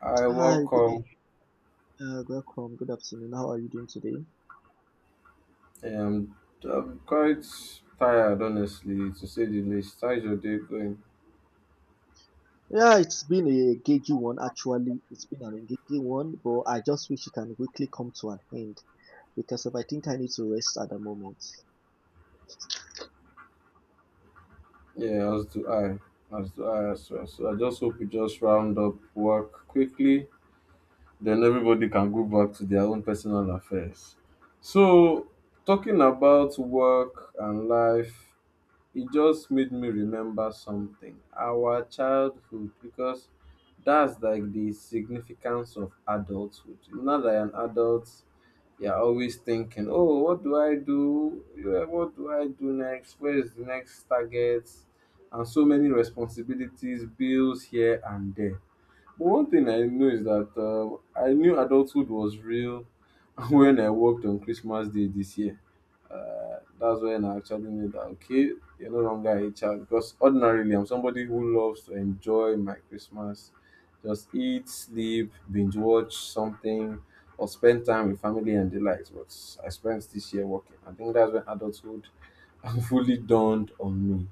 I Hi, welcome. Welcome. Good afternoon. How are you doing today? Um, I'm quite tired, honestly, to say the least. How's your day going? Yeah, it's been an engaging one, but I just wish it can quickly come to an end because if I think I need to rest at the moment. Yeah, as do I. As do I as well. So I just hope we just round up work quickly. Then everybody can go back to their own personal affairs. So, talking about work and life, it just made me remember something. Our childhood, because that's like the significance of adulthood. Now that I am an adult, you're always thinking, oh, what do I do? Yeah, what do I do next? Where is the next target? And so many responsibilities, bills here and there. But one thing I know is that I knew adulthood was real when I worked on Christmas Day this year. That's when I actually knew that, okay, you're no longer a child. Because ordinarily, I'm somebody who loves to enjoy my Christmas, just eat, sleep, binge watch something, or spend time with family and the likes. But I spent this year working. I think that's when adulthood fully dawned on me.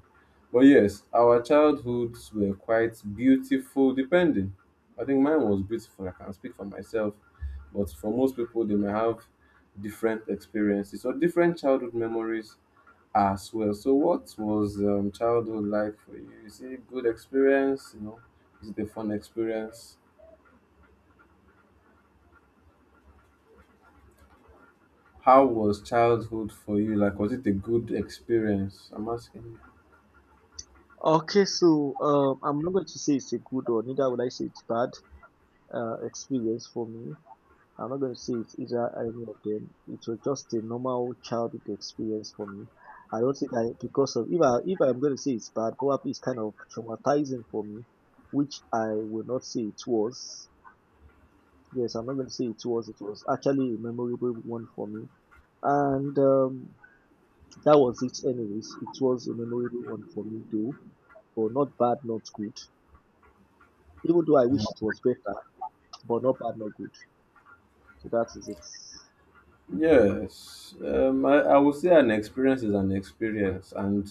But yes, our childhoods were quite beautiful, depending. I think mine was beautiful. I can speak for myself, but for most people, they may have different experiences or different childhood memories as well. So, what was childhood like for you? Is it a good experience? You know, is it a fun experience? How was childhood for you? Like, was it a good experience? I'm asking. Okay, so I'm not going to say it's a good or neither will I say it's bad experience for me. I'm not going to say it's either of them. It was just a normal childhood experience for me. I don't think I because of If I'm going to say it's bad, probably it's kind of traumatizing for me, which I will not say it was. Yes, I'm not going to say it was. It was actually a memorable one for me, and that was it. Anyways, it was a memorable one for me though, but not bad, not good. Even though I wish it was better, but not bad, not good. So that is it. Yes, I would say an experience is an experience, and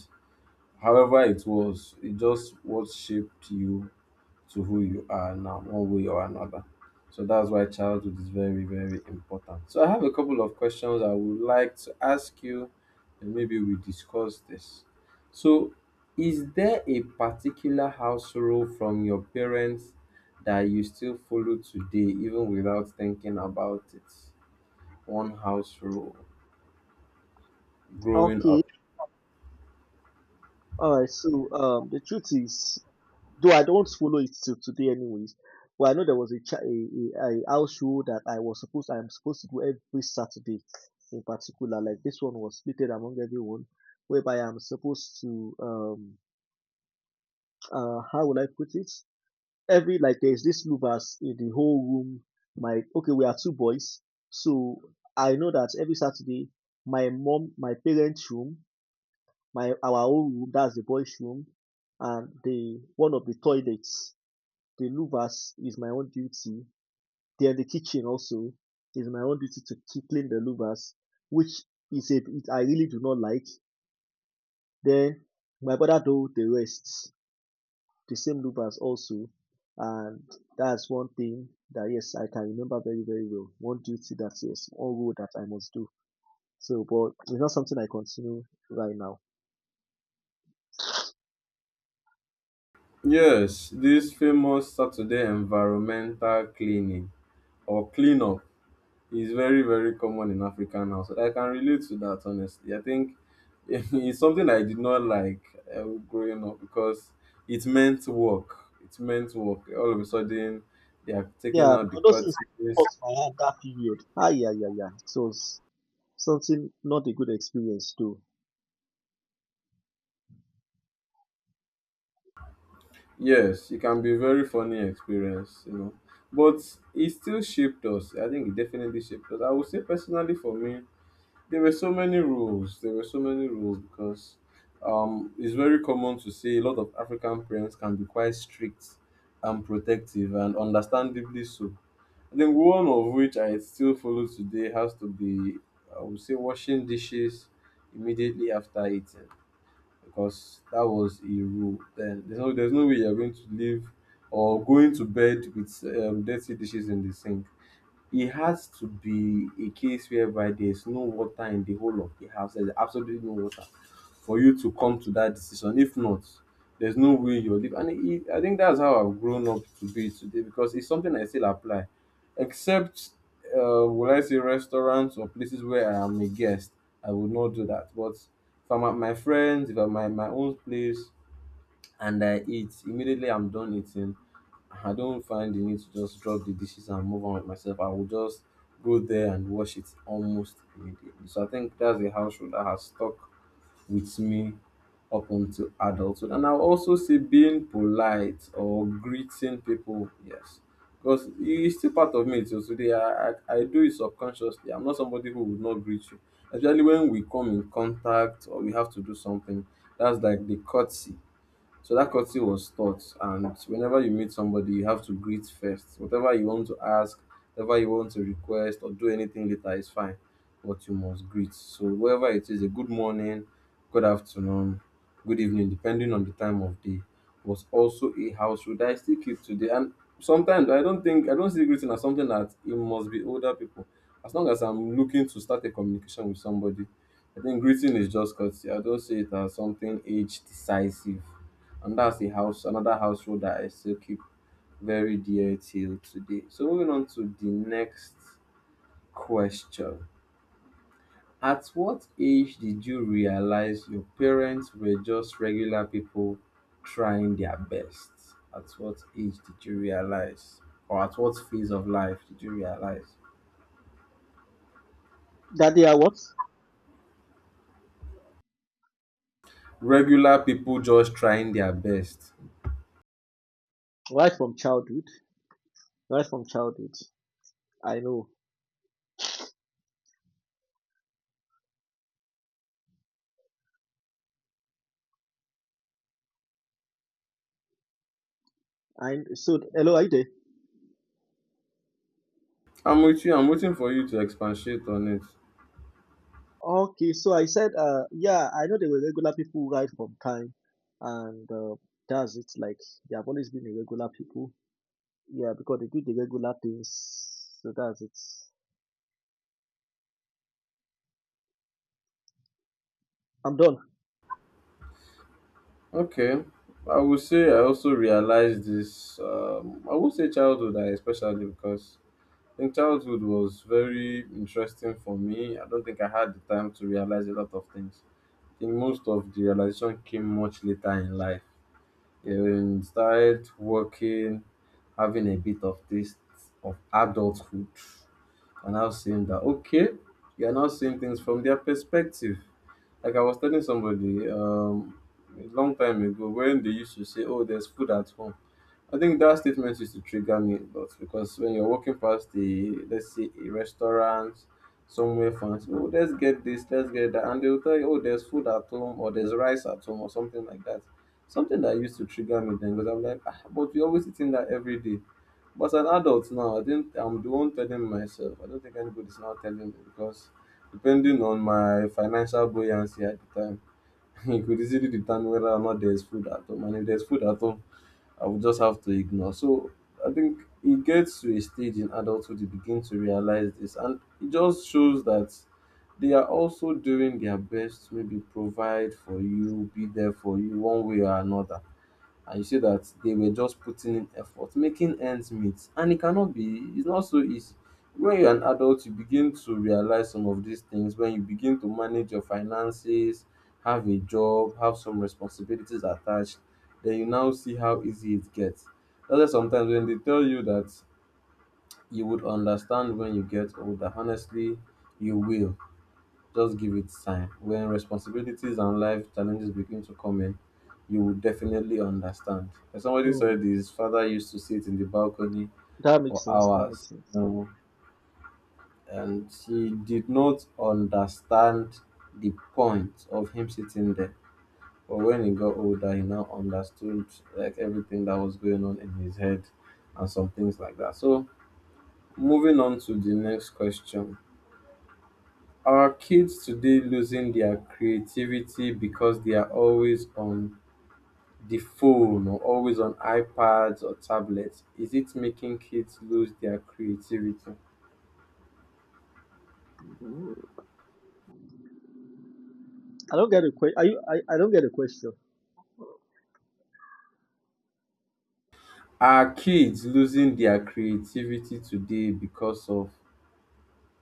however it was, it just what shaped you to who you are now, one way or another. So that's why childhood is very, very important. So I have a couple of questions I would like to ask you, and maybe we discuss this. So, is there a particular house rule from your parents that you still follow today, even without thinking about it? One house rule growing Okay. up. All right, so the truth is, though I don't follow it till today, anyways. Well, I know there was a, cha- a house show that I'm supposed to do every Saturday, in particular. Like this one was split among everyone, whereby I'm supposed to how will I put it? Every like there's this louvers in the whole room. My okay, we are two boys. So I know that every Saturday, my parents' room, my our own room, that's the boys' room, and the one of the toilets, the louvers is my own duty. Then the kitchen also is my own duty to keep clean the louvers, which is a it I really do not like. Then my brother do the rest, the same louvers also. And that's one thing that, yes, I can remember very, very well. One rule that I must do. So but it's not something I continue right now. Yes, this famous Saturday environmental cleaning or cleanup is very, very common in African houses. I can relate to that, honestly. I think it's something I did not like growing up because it meant work. It meant work. All of a sudden, they are taking Yeah, out the because those things curtains. caught my hand that period. Ah, yeah, yeah, yeah. Something not a good experience too. Yes, it can be a very funny experience, you know. But it still shaped us. I think it definitely shaped us. I would say personally for me, there were so many rules. There were so many rules because it's very common to see a lot of African parents can be quite strict and protective, and understandably so. I think one of which I still follow today has to be, I would say, washing dishes immediately after eating, because that was a rule. Then there's no way you're going to live or going to bed with dirty dishes in the sink. It has to be a case whereby there's no water in the whole of the house. There's absolutely no water for you to come to that decision. If not, there's no way you'll live. I think that's how I've grown up to be today because it's something I still apply. Except, will I say restaurants or places where I am a guest, I would not do that. But if I'm at my friends, if I'm at my own place and I eat, immediately I'm done eating, I don't find the need to just drop the dishes and move on with myself. I will just go there and wash it almost immediately. So I think that's a household that has stuck with me up until adulthood. And I'll also say being polite or greeting people, yes. Because it's still part of me till today. I do it subconsciously. I'm not somebody who would not greet you. Especially when we come in contact or we have to do something. That's like the courtesy, so that courtesy was taught, and whenever you meet somebody, you have to greet first. Whatever you want to ask, whatever you want to request or do anything later is fine, but you must greet. So wherever it is, a good morning, good afternoon, good evening, depending on the time of day, was also a house rule that I still keep today. And sometimes I don't see greeting as something that it must be older people. As long as I'm looking to start a communication with somebody, I think greeting is just courtesy. I don't see it as something age decisive, and that's the house another household that I still keep very dear till today. So moving on to the next question. At what age did you realize your parents were just regular people trying their best? At what age did you realize? Or at what phase of life did you realize? That they are what? Regular people just trying their best. Right from childhood, right from childhood. I know. And so hello, are you there? I'm with you. I'm waiting for you to expatiate on it. Okay, so I said, yeah, I know they were regular people right from time, and that's it. Like they have always been irregular people. Yeah, because they do the regular things. So that's it. I'm done. Okay. I would say I also realized this. I would say childhood, especially because I think childhood was very interesting for me. I don't think I had the time to realize a lot of things. I think most of the realization came much later in life. Yeah, when you started working, having a bit of taste of adulthood, and now seeing that, okay, you are now seeing things from their perspective. Like I was telling somebody a long time ago when they used to say, "Oh, there's food at home." I think that statement used to trigger me a lot because when you're walking past the, let's say, a restaurant, somewhere fancy, oh, let's get this, let's get that, and they'll tell you, "Oh, there's food at home," or "There's rice at home," or something like that. Something that used to trigger me then because I'm like, ah, "But we always eating that every day." But as an adult now, I think I'm the one telling myself. I don't think anybody's now telling me because depending on my financial buoyancy at the time, it could easily determine whether or not there's food at home. And if there's food at home, I would just have to ignore. So I think it gets to a stage in adulthood you begin to realize this. And it just shows that they are also doing their best to maybe provide for you, be there for you one way or another, and you see that they were just putting in effort, making ends meet. And it cannot be, it's not so easy. When you're an adult, you begin to realize some of these things. When you begin to manage your finances, have a job, have some responsibilities attached, then you now see how easy it gets. That's why sometimes when they tell you that you would understand when you get older, honestly, you will. Just give it time. When responsibilities and life challenges begin to come in, you will definitely understand. As somebody Hmm. said, his father used to sit in the balcony That for makes sense. That makes hours, you sense. know, and he did not understand the point of him sitting there. But when he got older, he now understood like everything that was going on in his head and some things like that. So, moving on to the next question. Our kids today losing their creativity because they are always on the phone or always on iPads or tablets. Is it making kids lose their creativity? I don't get a question. Are you? I don't get a question. Are kids losing their creativity today because of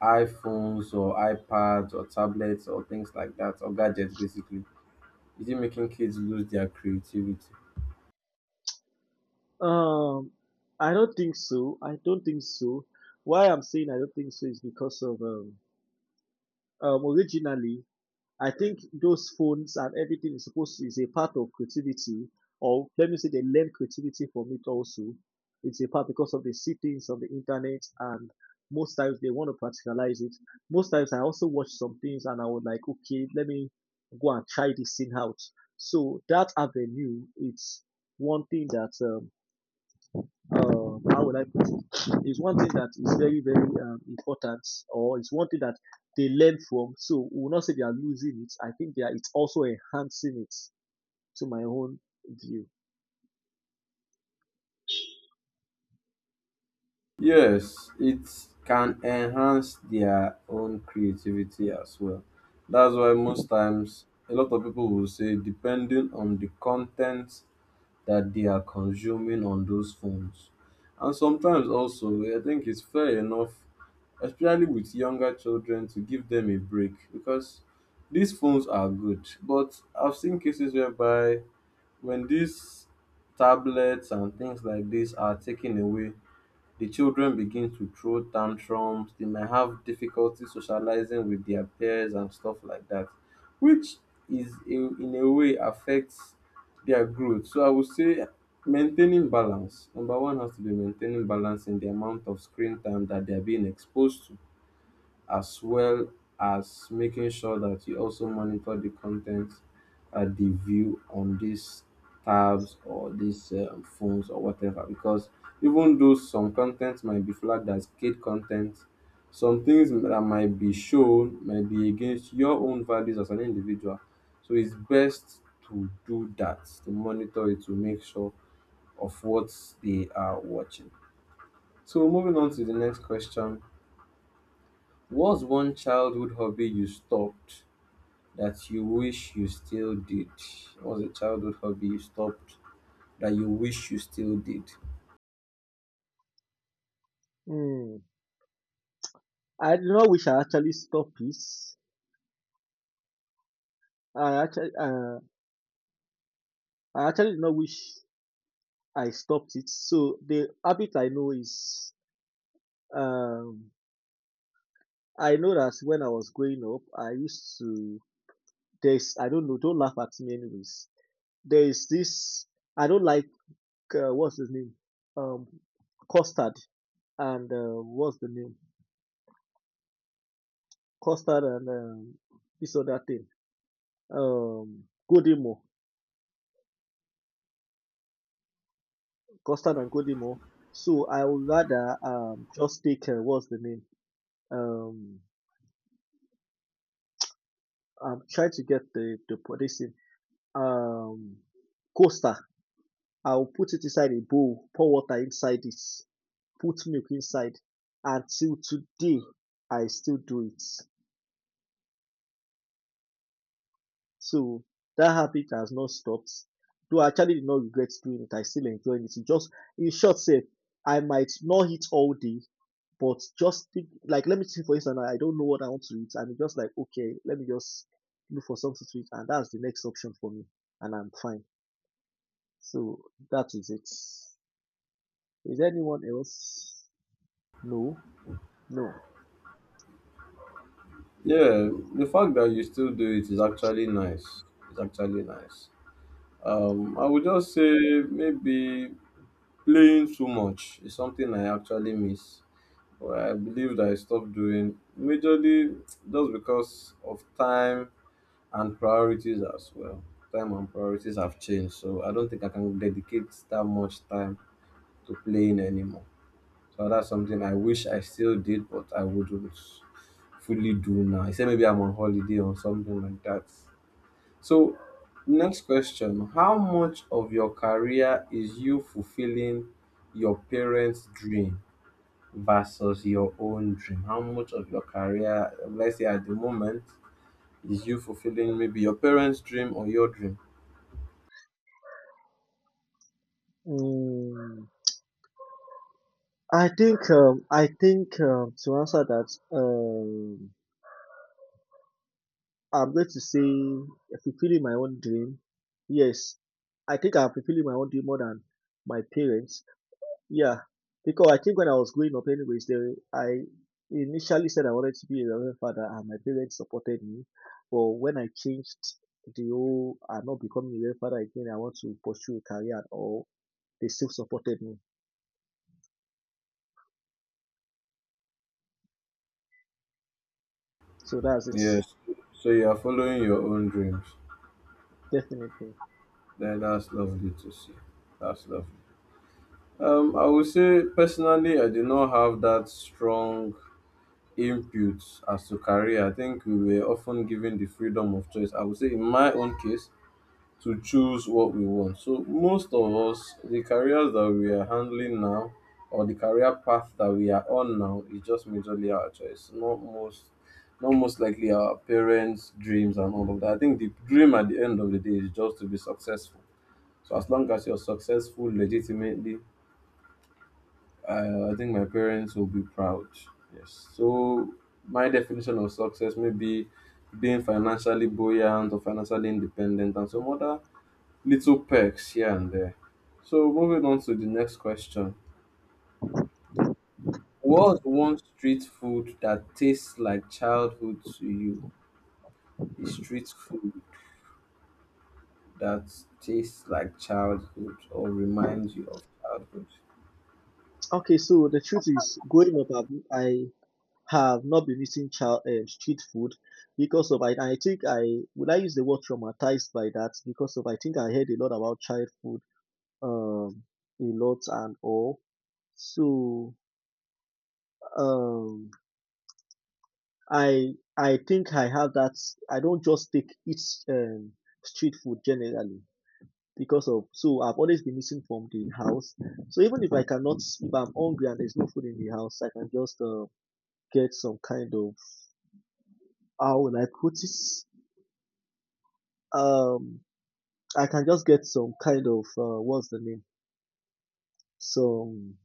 iPhones or iPads or tablets or things like that or gadgets basically? Is it making kids lose their creativity? Um, I don't think so. I don't think so. Why I'm saying I don't think so is because of originally I think those phones and everything is supposed to is a part of creativity, or let me say they learn creativity from it also. It's a part because of the sittings on the internet, and most times they want to practicalize it. Most times I also watch some things and I would like, okay, let me go and try this thing out. So that avenue, it's one thing that how would I put is one thing that is very, very important, or it's one thing that they learn from. So we will not say they are losing it. I think they are. It's also enhancing it. To my own view. Yes, it can enhance their own creativity as well. That's why most times a lot of people will say, depending on the content that they are consuming on those phones. And sometimes also, I think it's fair enough, especially with younger children, to give them a break because these phones are good. But I've seen cases whereby when these tablets and things like this are taken away, the children begin to throw tantrums. They may have difficulty socializing with their peers and stuff like that, which is in a way affects their growth. So I would say maintaining balance. Number one has to be maintaining balance in the amount of screen time that they're being exposed to, as well as making sure that you also monitor the content at the view on these tabs or these phones or whatever, because even though some content might be flagged as kid content, some things that might be shown might be against your own values as an individual. So it's best to do that, to monitor it, to make sure of what they are watching. So moving on to the next question. What's one childhood hobby you stopped that you wish you still did? What's a childhood hobby you stopped that you wish you still did? Hmm. I do not wish I actually stopped it. I actually, uh, I actually do not wish I stopped it. So the habit I know is, um, I know that when I was growing up, I used to. There's, I don't know. Don't laugh at me, anyways. There is this. I don't like, what's his name? Um, Custard and, what's the name? Custard and, this other thing. Um, Godimo. Custard and Godimo. So I would rather just take, what's the name? Um, I'm trying to get this thing. Um, Costa. I'll put it inside a bowl, pour water inside it, put milk inside. Until today, I still do it. So that habit has not stopped. Though I actually did not regret doing it, I still enjoy it. It just, in short, say I might not eat all day, but just think like, let me see, for instance, I don't know what I want to eat, and it's just like, okay, let me just look for something to eat, and that's the next option for me, and I'm fine. So that is it. Is anyone else? No, no. Yeah, the fact that you still do it is actually nice. It's actually nice. I would just say maybe playing too much is something I actually miss. But I believe that I stopped doing majorly just because of time and priorities as well. Time and priorities have changed, so I don't think I can dedicate that much time to playing anymore. So that's something I wish I still did, but I wouldn't fully do now. Except maybe I'm on holiday or something like that. So, next question. How much of your career is you fulfilling your parents' dream versus your own dream? How much of your career, let's say at the moment, is you fulfilling maybe your parents' dream or your dream? Mm, I think, to answer that, I'm going to say fulfilling my own dream. Yes, I think I'm fulfilling my own dream more than my parents. Yeah, because I think when I was growing up, anyways, there I initially said I wanted to be a reverend father, and my parents supported me. But when I changed the whole, I'm not becoming a reverend father again. I want to pursue a career, or they still supported me. So that's Yes. So you are following your own dreams. it, definitely. Then that's lovely to see. That's lovely. I would say personally, I did not have that strong input as to career. I think we were often given the freedom of choice. I would say in my own case, to choose what we want. So most of us, the careers that we are handling now, or the career path that we are on now, is just majorly our choice. Not most, not most likely our parents' dreams and all of that. I think the dream at the end of the day is just to be successful. So as long as you're successful legitimately, I think my parents will be proud. Yes. So my definition of success may be being financially buoyant or financially independent and some other little perks here and there. So moving on to the next question. What's one street food that tastes like childhood to you? A street food that tastes like childhood or reminds you of childhood. Okay, so the truth is, growing up, I have not been eating child street food, because of, I think, I use the word traumatized by that, because of I think I heard a lot about child food um a lot and all. So um I think I have that. I don't just take eat um street food generally because of, so I've always been missing from the house. So even if I'm hungry and there's no food in the house, I can just, get some kind of, how will I put it, um I can just get some kind of, what's the name? Some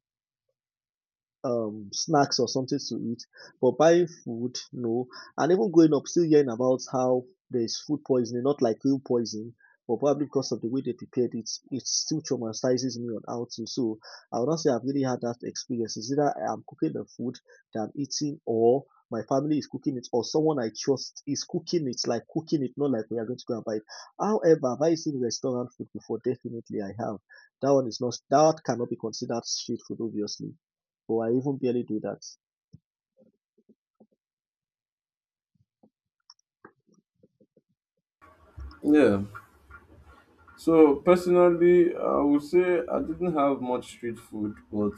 snacks or something to eat, but buying food, no. And even growing up, still hearing about how there's food poisoning, not like real poison, but probably because of the way they prepared it, it still traumatizes me on how to. So I would not say I've really had that experience. It's either I'm cooking the food that I'm eating, or my family is cooking it, or someone I trust is cooking it, like cooking it, not like we are going to go and buy it. However, have I seen restaurant food before? Definitely I have. That one is not, that cannot be considered street food, obviously. Oh, I even barely do that. Yeah. So personally, I would say I didn't have much street food, but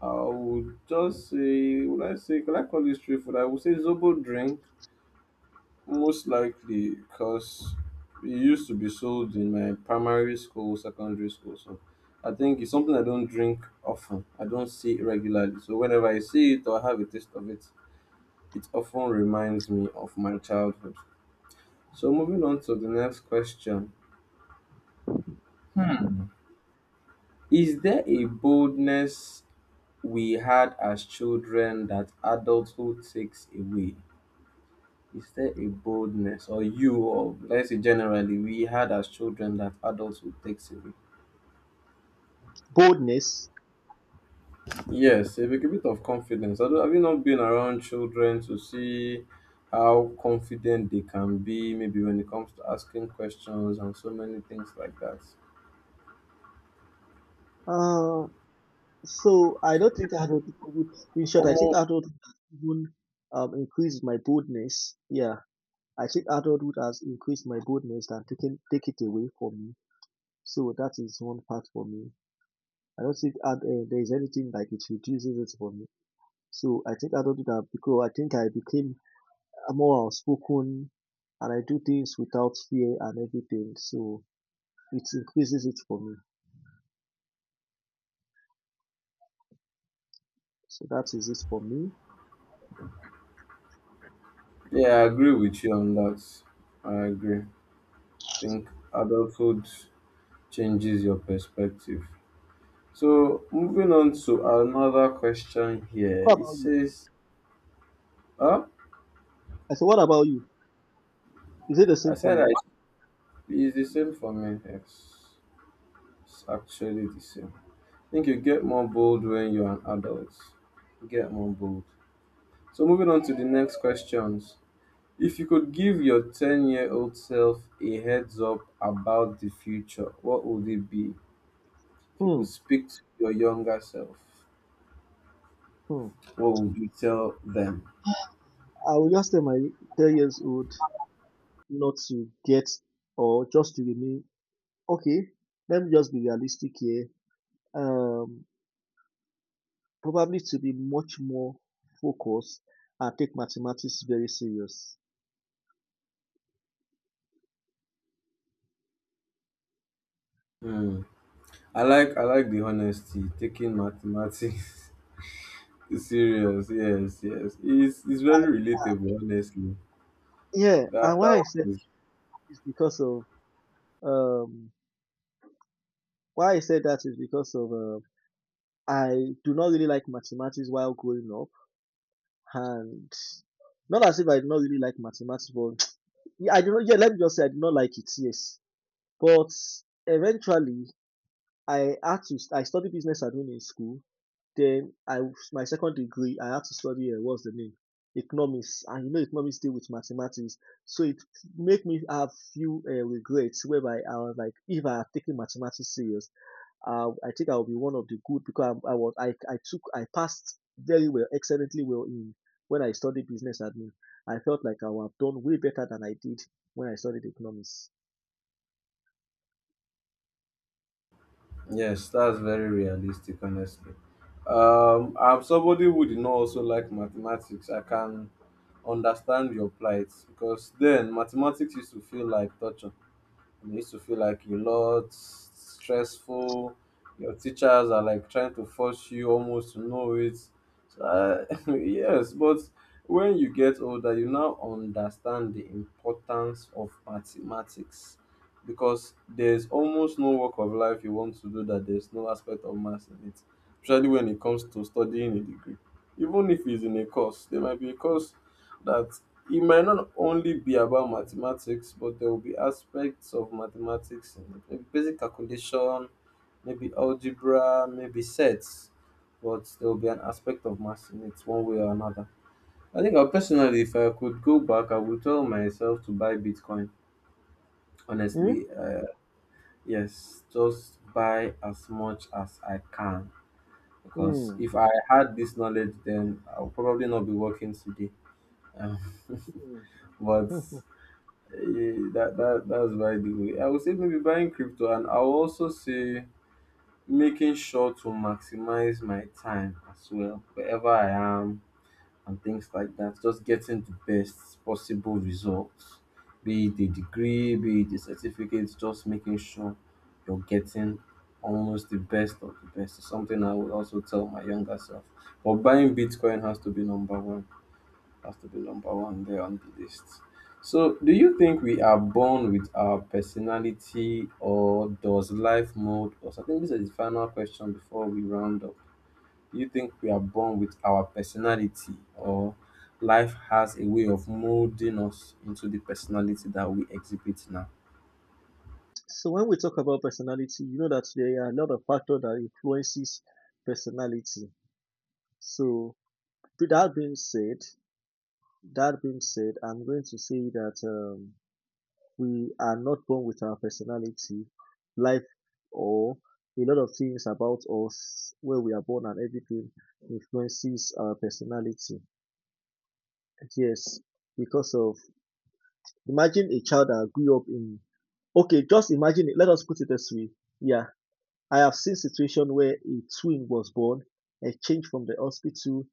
I would just say, would I say, can I call it street food? I would say Zobo drink. Most likely because it used to be sold in my primary school, secondary school. So I think it's something I don't drink often. I don't see it regularly. So whenever I see it or have a taste of it, it often reminds me of my childhood. So moving on to the next question. Is there a boldness we had as children that adulthood takes away? Is there a boldness or you or let's say generally we had as children that adulthood takes away? Boldness. Yes, a bit of confidence. I don't- Have you not been around children to see how confident they can be, maybe when it comes to asking questions and so many things like that? Uh, so I don't think I adult. In short, I think Almost, adulthood has even increased my boldness. Yeah, I think adulthood has increased my boldness than taking take it away from me. So that is one part for me. I don't think there is anything like it reduces it for me. So I think adulthood have, because I think I became more outspoken and I do things without fear and everything. So it increases it for me. So that is it for me. yeah, I agree with you on that. I agree. I think adulthood changes your perspective. So, moving on to another question here. What It about you? says, huh? I said, what about you? Is it the I same for said I, you? it's the same for me. Yes, it's actually the same. I think you get more bold when you're an adult. Get more bold. So moving on to the next questions. If you could give your 10-year-old self a heads up about the future, what would it be? If you Hmm. could speak to your younger self, Hmm. what would you tell them? I will just tell my 10 years old not to get, or just to remain. Okay, let me just be realistic here. Um, Probably to be much more focused and take mathematics very serious. Hmm. I like the honesty, taking mathematics serious. Yes, yes. It's very relatable, honestly. Yeah, That and that one is. is because of um why I said that is because of, I do not really like mathematics while growing up, and not as if I did not really like mathematics, but yeah, I do not. Yeah, let me just say I did not like it. Yes, but eventually I had to. I studied business admin in school. Then I my second degree I had to study, what's the name, economics, and you know economics deal with mathematics, so it make me have few regrets whereby I was like, if I had taken mathematics serious. I think I will be one of the good because I was I took I passed very well, excellently well in when I studied business admin. I felt like I would have done way better than I did when I studied economics. Yes, that's very realistic, honestly. I'm somebody who did not also like mathematics. I can understand your plight because then mathematics used to feel like torture. You know, used to feel like a lot stressful. Your teachers are like trying to force you almost to know it. So, yes, but when you get older, you now understand the importance of mathematics because there's almost no work of life you want to do that there's no aspect of maths in it, especially when it comes to studying a degree. Even if it's in a course, there might be a course that it might not only be about mathematics, but there will be aspects of mathematics, maybe basic calculation, maybe algebra, maybe sets, but there will be an aspect of maths in it one way or another. I think personally, if I could go back, I would tell myself to buy Bitcoin. Hmm? Honestly, yes, just buy as much as I can. Because Hmm. if I had this knowledge, then I'll probably not be working today. Um, Hmm. but that's by the way. I would say maybe buying crypto, and I'll also say making sure to maximize my time as well wherever I am, and things like that, just getting the best possible results, be it a degree, be it a certificate, just making sure you're getting almost the best of the best is something I would also tell my younger self. But buying Bitcoin has to be number one, has to be number one there on the list. So, do you think we are born with our personality, or does life mold us? I think this is the final question before we round up. Do you think we are born with our personality, or life has a way of molding us into the personality that we exhibit now? So when we talk about personality, you know that there are a lot of factors that influences personality. So with that being said, I'm going to say that. We are not born with our personality. Life, or a lot of things about us, where we are born and everything, influences our personality. Yes, because of, imagine a child that grew up in okay, just imagine it. Let us put it this way. Yeah, I have seen situation where a twin was born, exchanged from the hospital,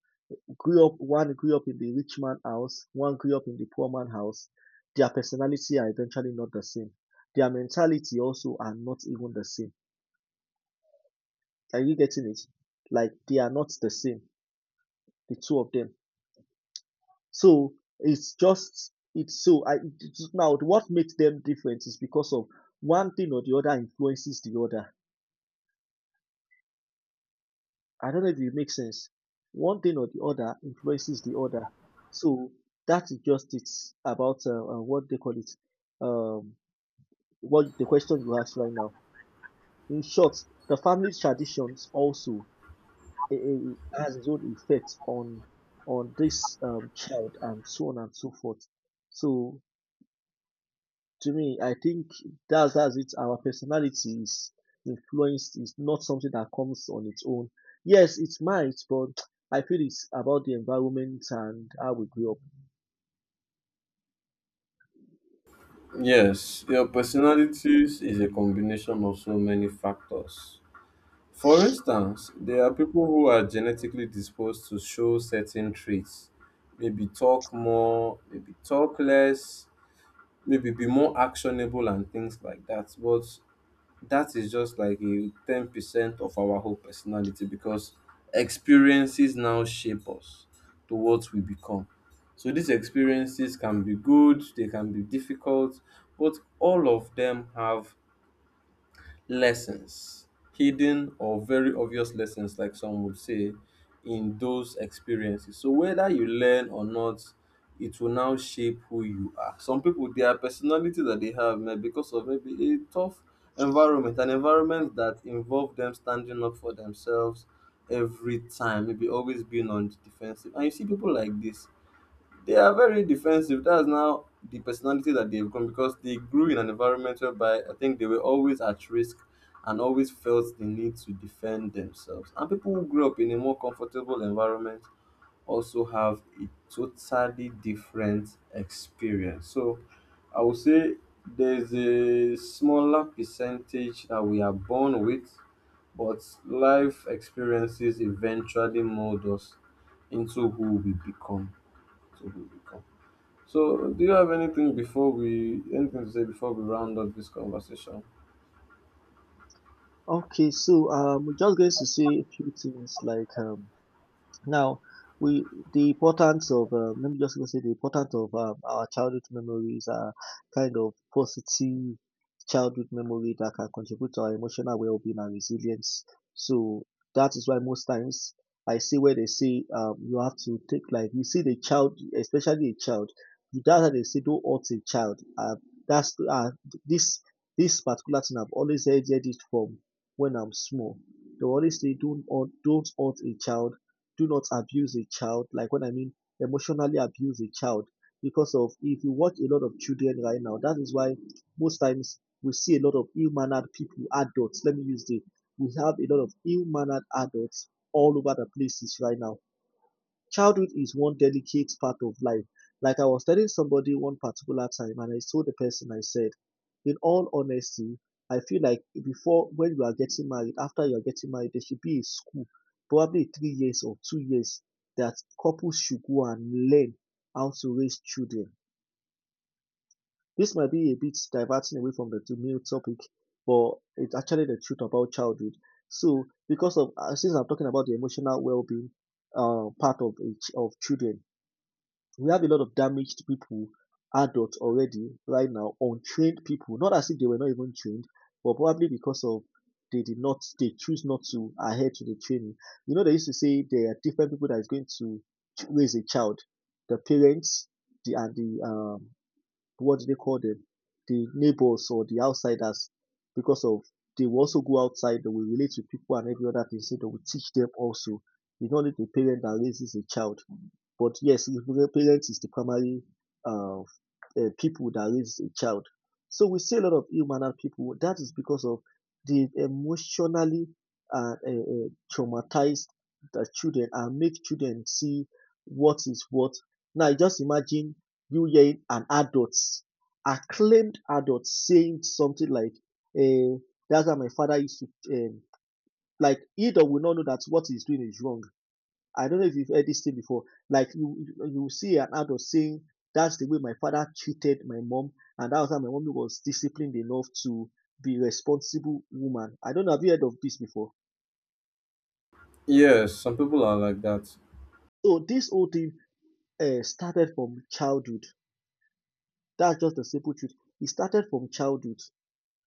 grew up one grew up in the rich man house, one grew up in the poor man house. Their personality are eventually not the same. Their mentality also are not even the same. Are you getting it? Like they are not the same, the two of them. So it's just it's so I it's- now what makes them different is because of one thing or the other influences the other. I don't know if it makes sense. One thing or the other influences the other. So that is just it's about what they call it. Um, what the question you asked right now. In short, the family traditions also has its own effect on this child and so on and so forth. So to me, I think that's as it. Our personality is influenced. Is not something that comes on its own. Yes, it might, but I feel it's about the environment and how we grew up. Yes, your personality is a combination of so many factors. For instance, there are people who are genetically disposed to show certain traits, maybe talk more, maybe talk less, maybe be more actionable and things like that. But that is just like a 10% of our whole personality because experiences now shape us to what we become. So these experiences can be good, they can be difficult, but all of them have lessons, hidden or very obvious lessons like some would say, in those experiences. So whether you learn or not, it will now shape who you are. Some people, their personality that they have may because of maybe a tough environment, an environment that involved them standing up for themselves every time, maybe always being on the defensive, and you see people like this, they are very defensive. That's now the personality that they've grown because they grew in an environment whereby I think they were always at risk and always felt the need to defend themselves. And people who grew up in a more comfortable environment also have a totally different experience. So I would say there's a smaller percentage that we are born with, but life experiences eventually mold us into who we become. To who we become. So, do you have anything before we, anything to say before we round up this conversation? Okay, so we're just going to say a few things like Now, we the importance of let me just even say the importance of our childhood memories are kind of positive childhood memory that can contribute to our emotional well-being and resilience. So that is why most times I see where they say you have to take like you see the child, especially a child. That's how they say don't hurt a child. That's this This particular thing I've always heard it from when I'm small. They always say don't hurt a child, do not abuse a child. Like when I mean emotionally abuse a child, because of if you watch a lot of children right now, that is why most times we see a lot of ill-mannered people, adults. Let me use the we have a lot of ill-mannered adults all over the places right now. Childhood is one delicate part of life. Like I was telling somebody one particular time, and I told the person, I said, in all honesty, I feel like before when you are getting married, after you are getting married, there should be a school, probably 3 years or 2 years, that couples should go and learn how to raise children. This might be a bit diverting away from the main topic, but it's actually the truth about childhood. So, because of since I'm talking about the emotional well-being part of a of children, we have a lot of damaged people, adults already right now, untrained people, not as if they were not even trained, but probably because of they choose not to adhere to the training. You know, they used to say there are different people that is going to raise a child, the parents, the and the what do they call them? The neighbors or the outsiders because of they will also go outside, they will relate to people and every other thing, so they will teach them also. It's not only the parent that raises a child, but yes, the parent is the primary uh, people that raise a child. So we see a lot of ill-mannered people. That is because of the emotionally traumatized the children and make children see what is what. Now just imagine you hearing an adult, acclaimed adult saying something like, uh, "That's how my father used to." Like either will not know that what he's doing is wrong. I don't know if you've heard this thing before. Like you see an adult saying, "That's the way my father treated my mom, and that was how my mom was disciplined enough to be a responsible woman." I don't know. Have you heard of this before? Yes, some people are like that. So this whole thing started from childhood. That's just the simple truth. It started from childhood.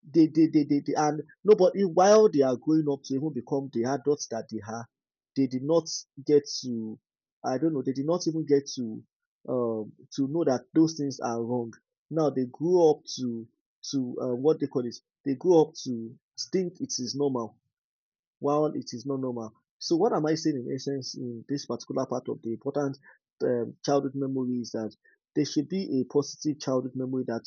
They and nobody, while they are growing up to even become the adults that they are, they did not get to, I don't know, they did not even get to know that those things are wrong. Now they grew up to what they call it, they grew up to think it is normal while it is not normal. So what am I saying in essence in this particular part of the important childhood memory is that there should be a positive childhood memory that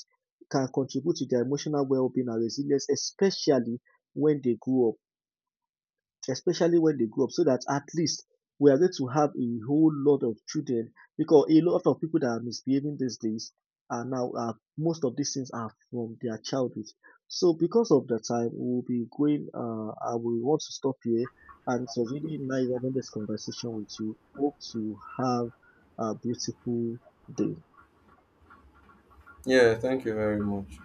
can contribute to their emotional well-being and resilience, especially when they grow up, especially when they grow up, so that at least we are going to have a whole lot of children because a lot of people that are misbehaving these days are now are most of these things are from their childhood. So because of the time we'll be going, I will want to stop here, and it was really nice having this conversation with you. Hope to have a beautiful day. Yeah, thank you very much.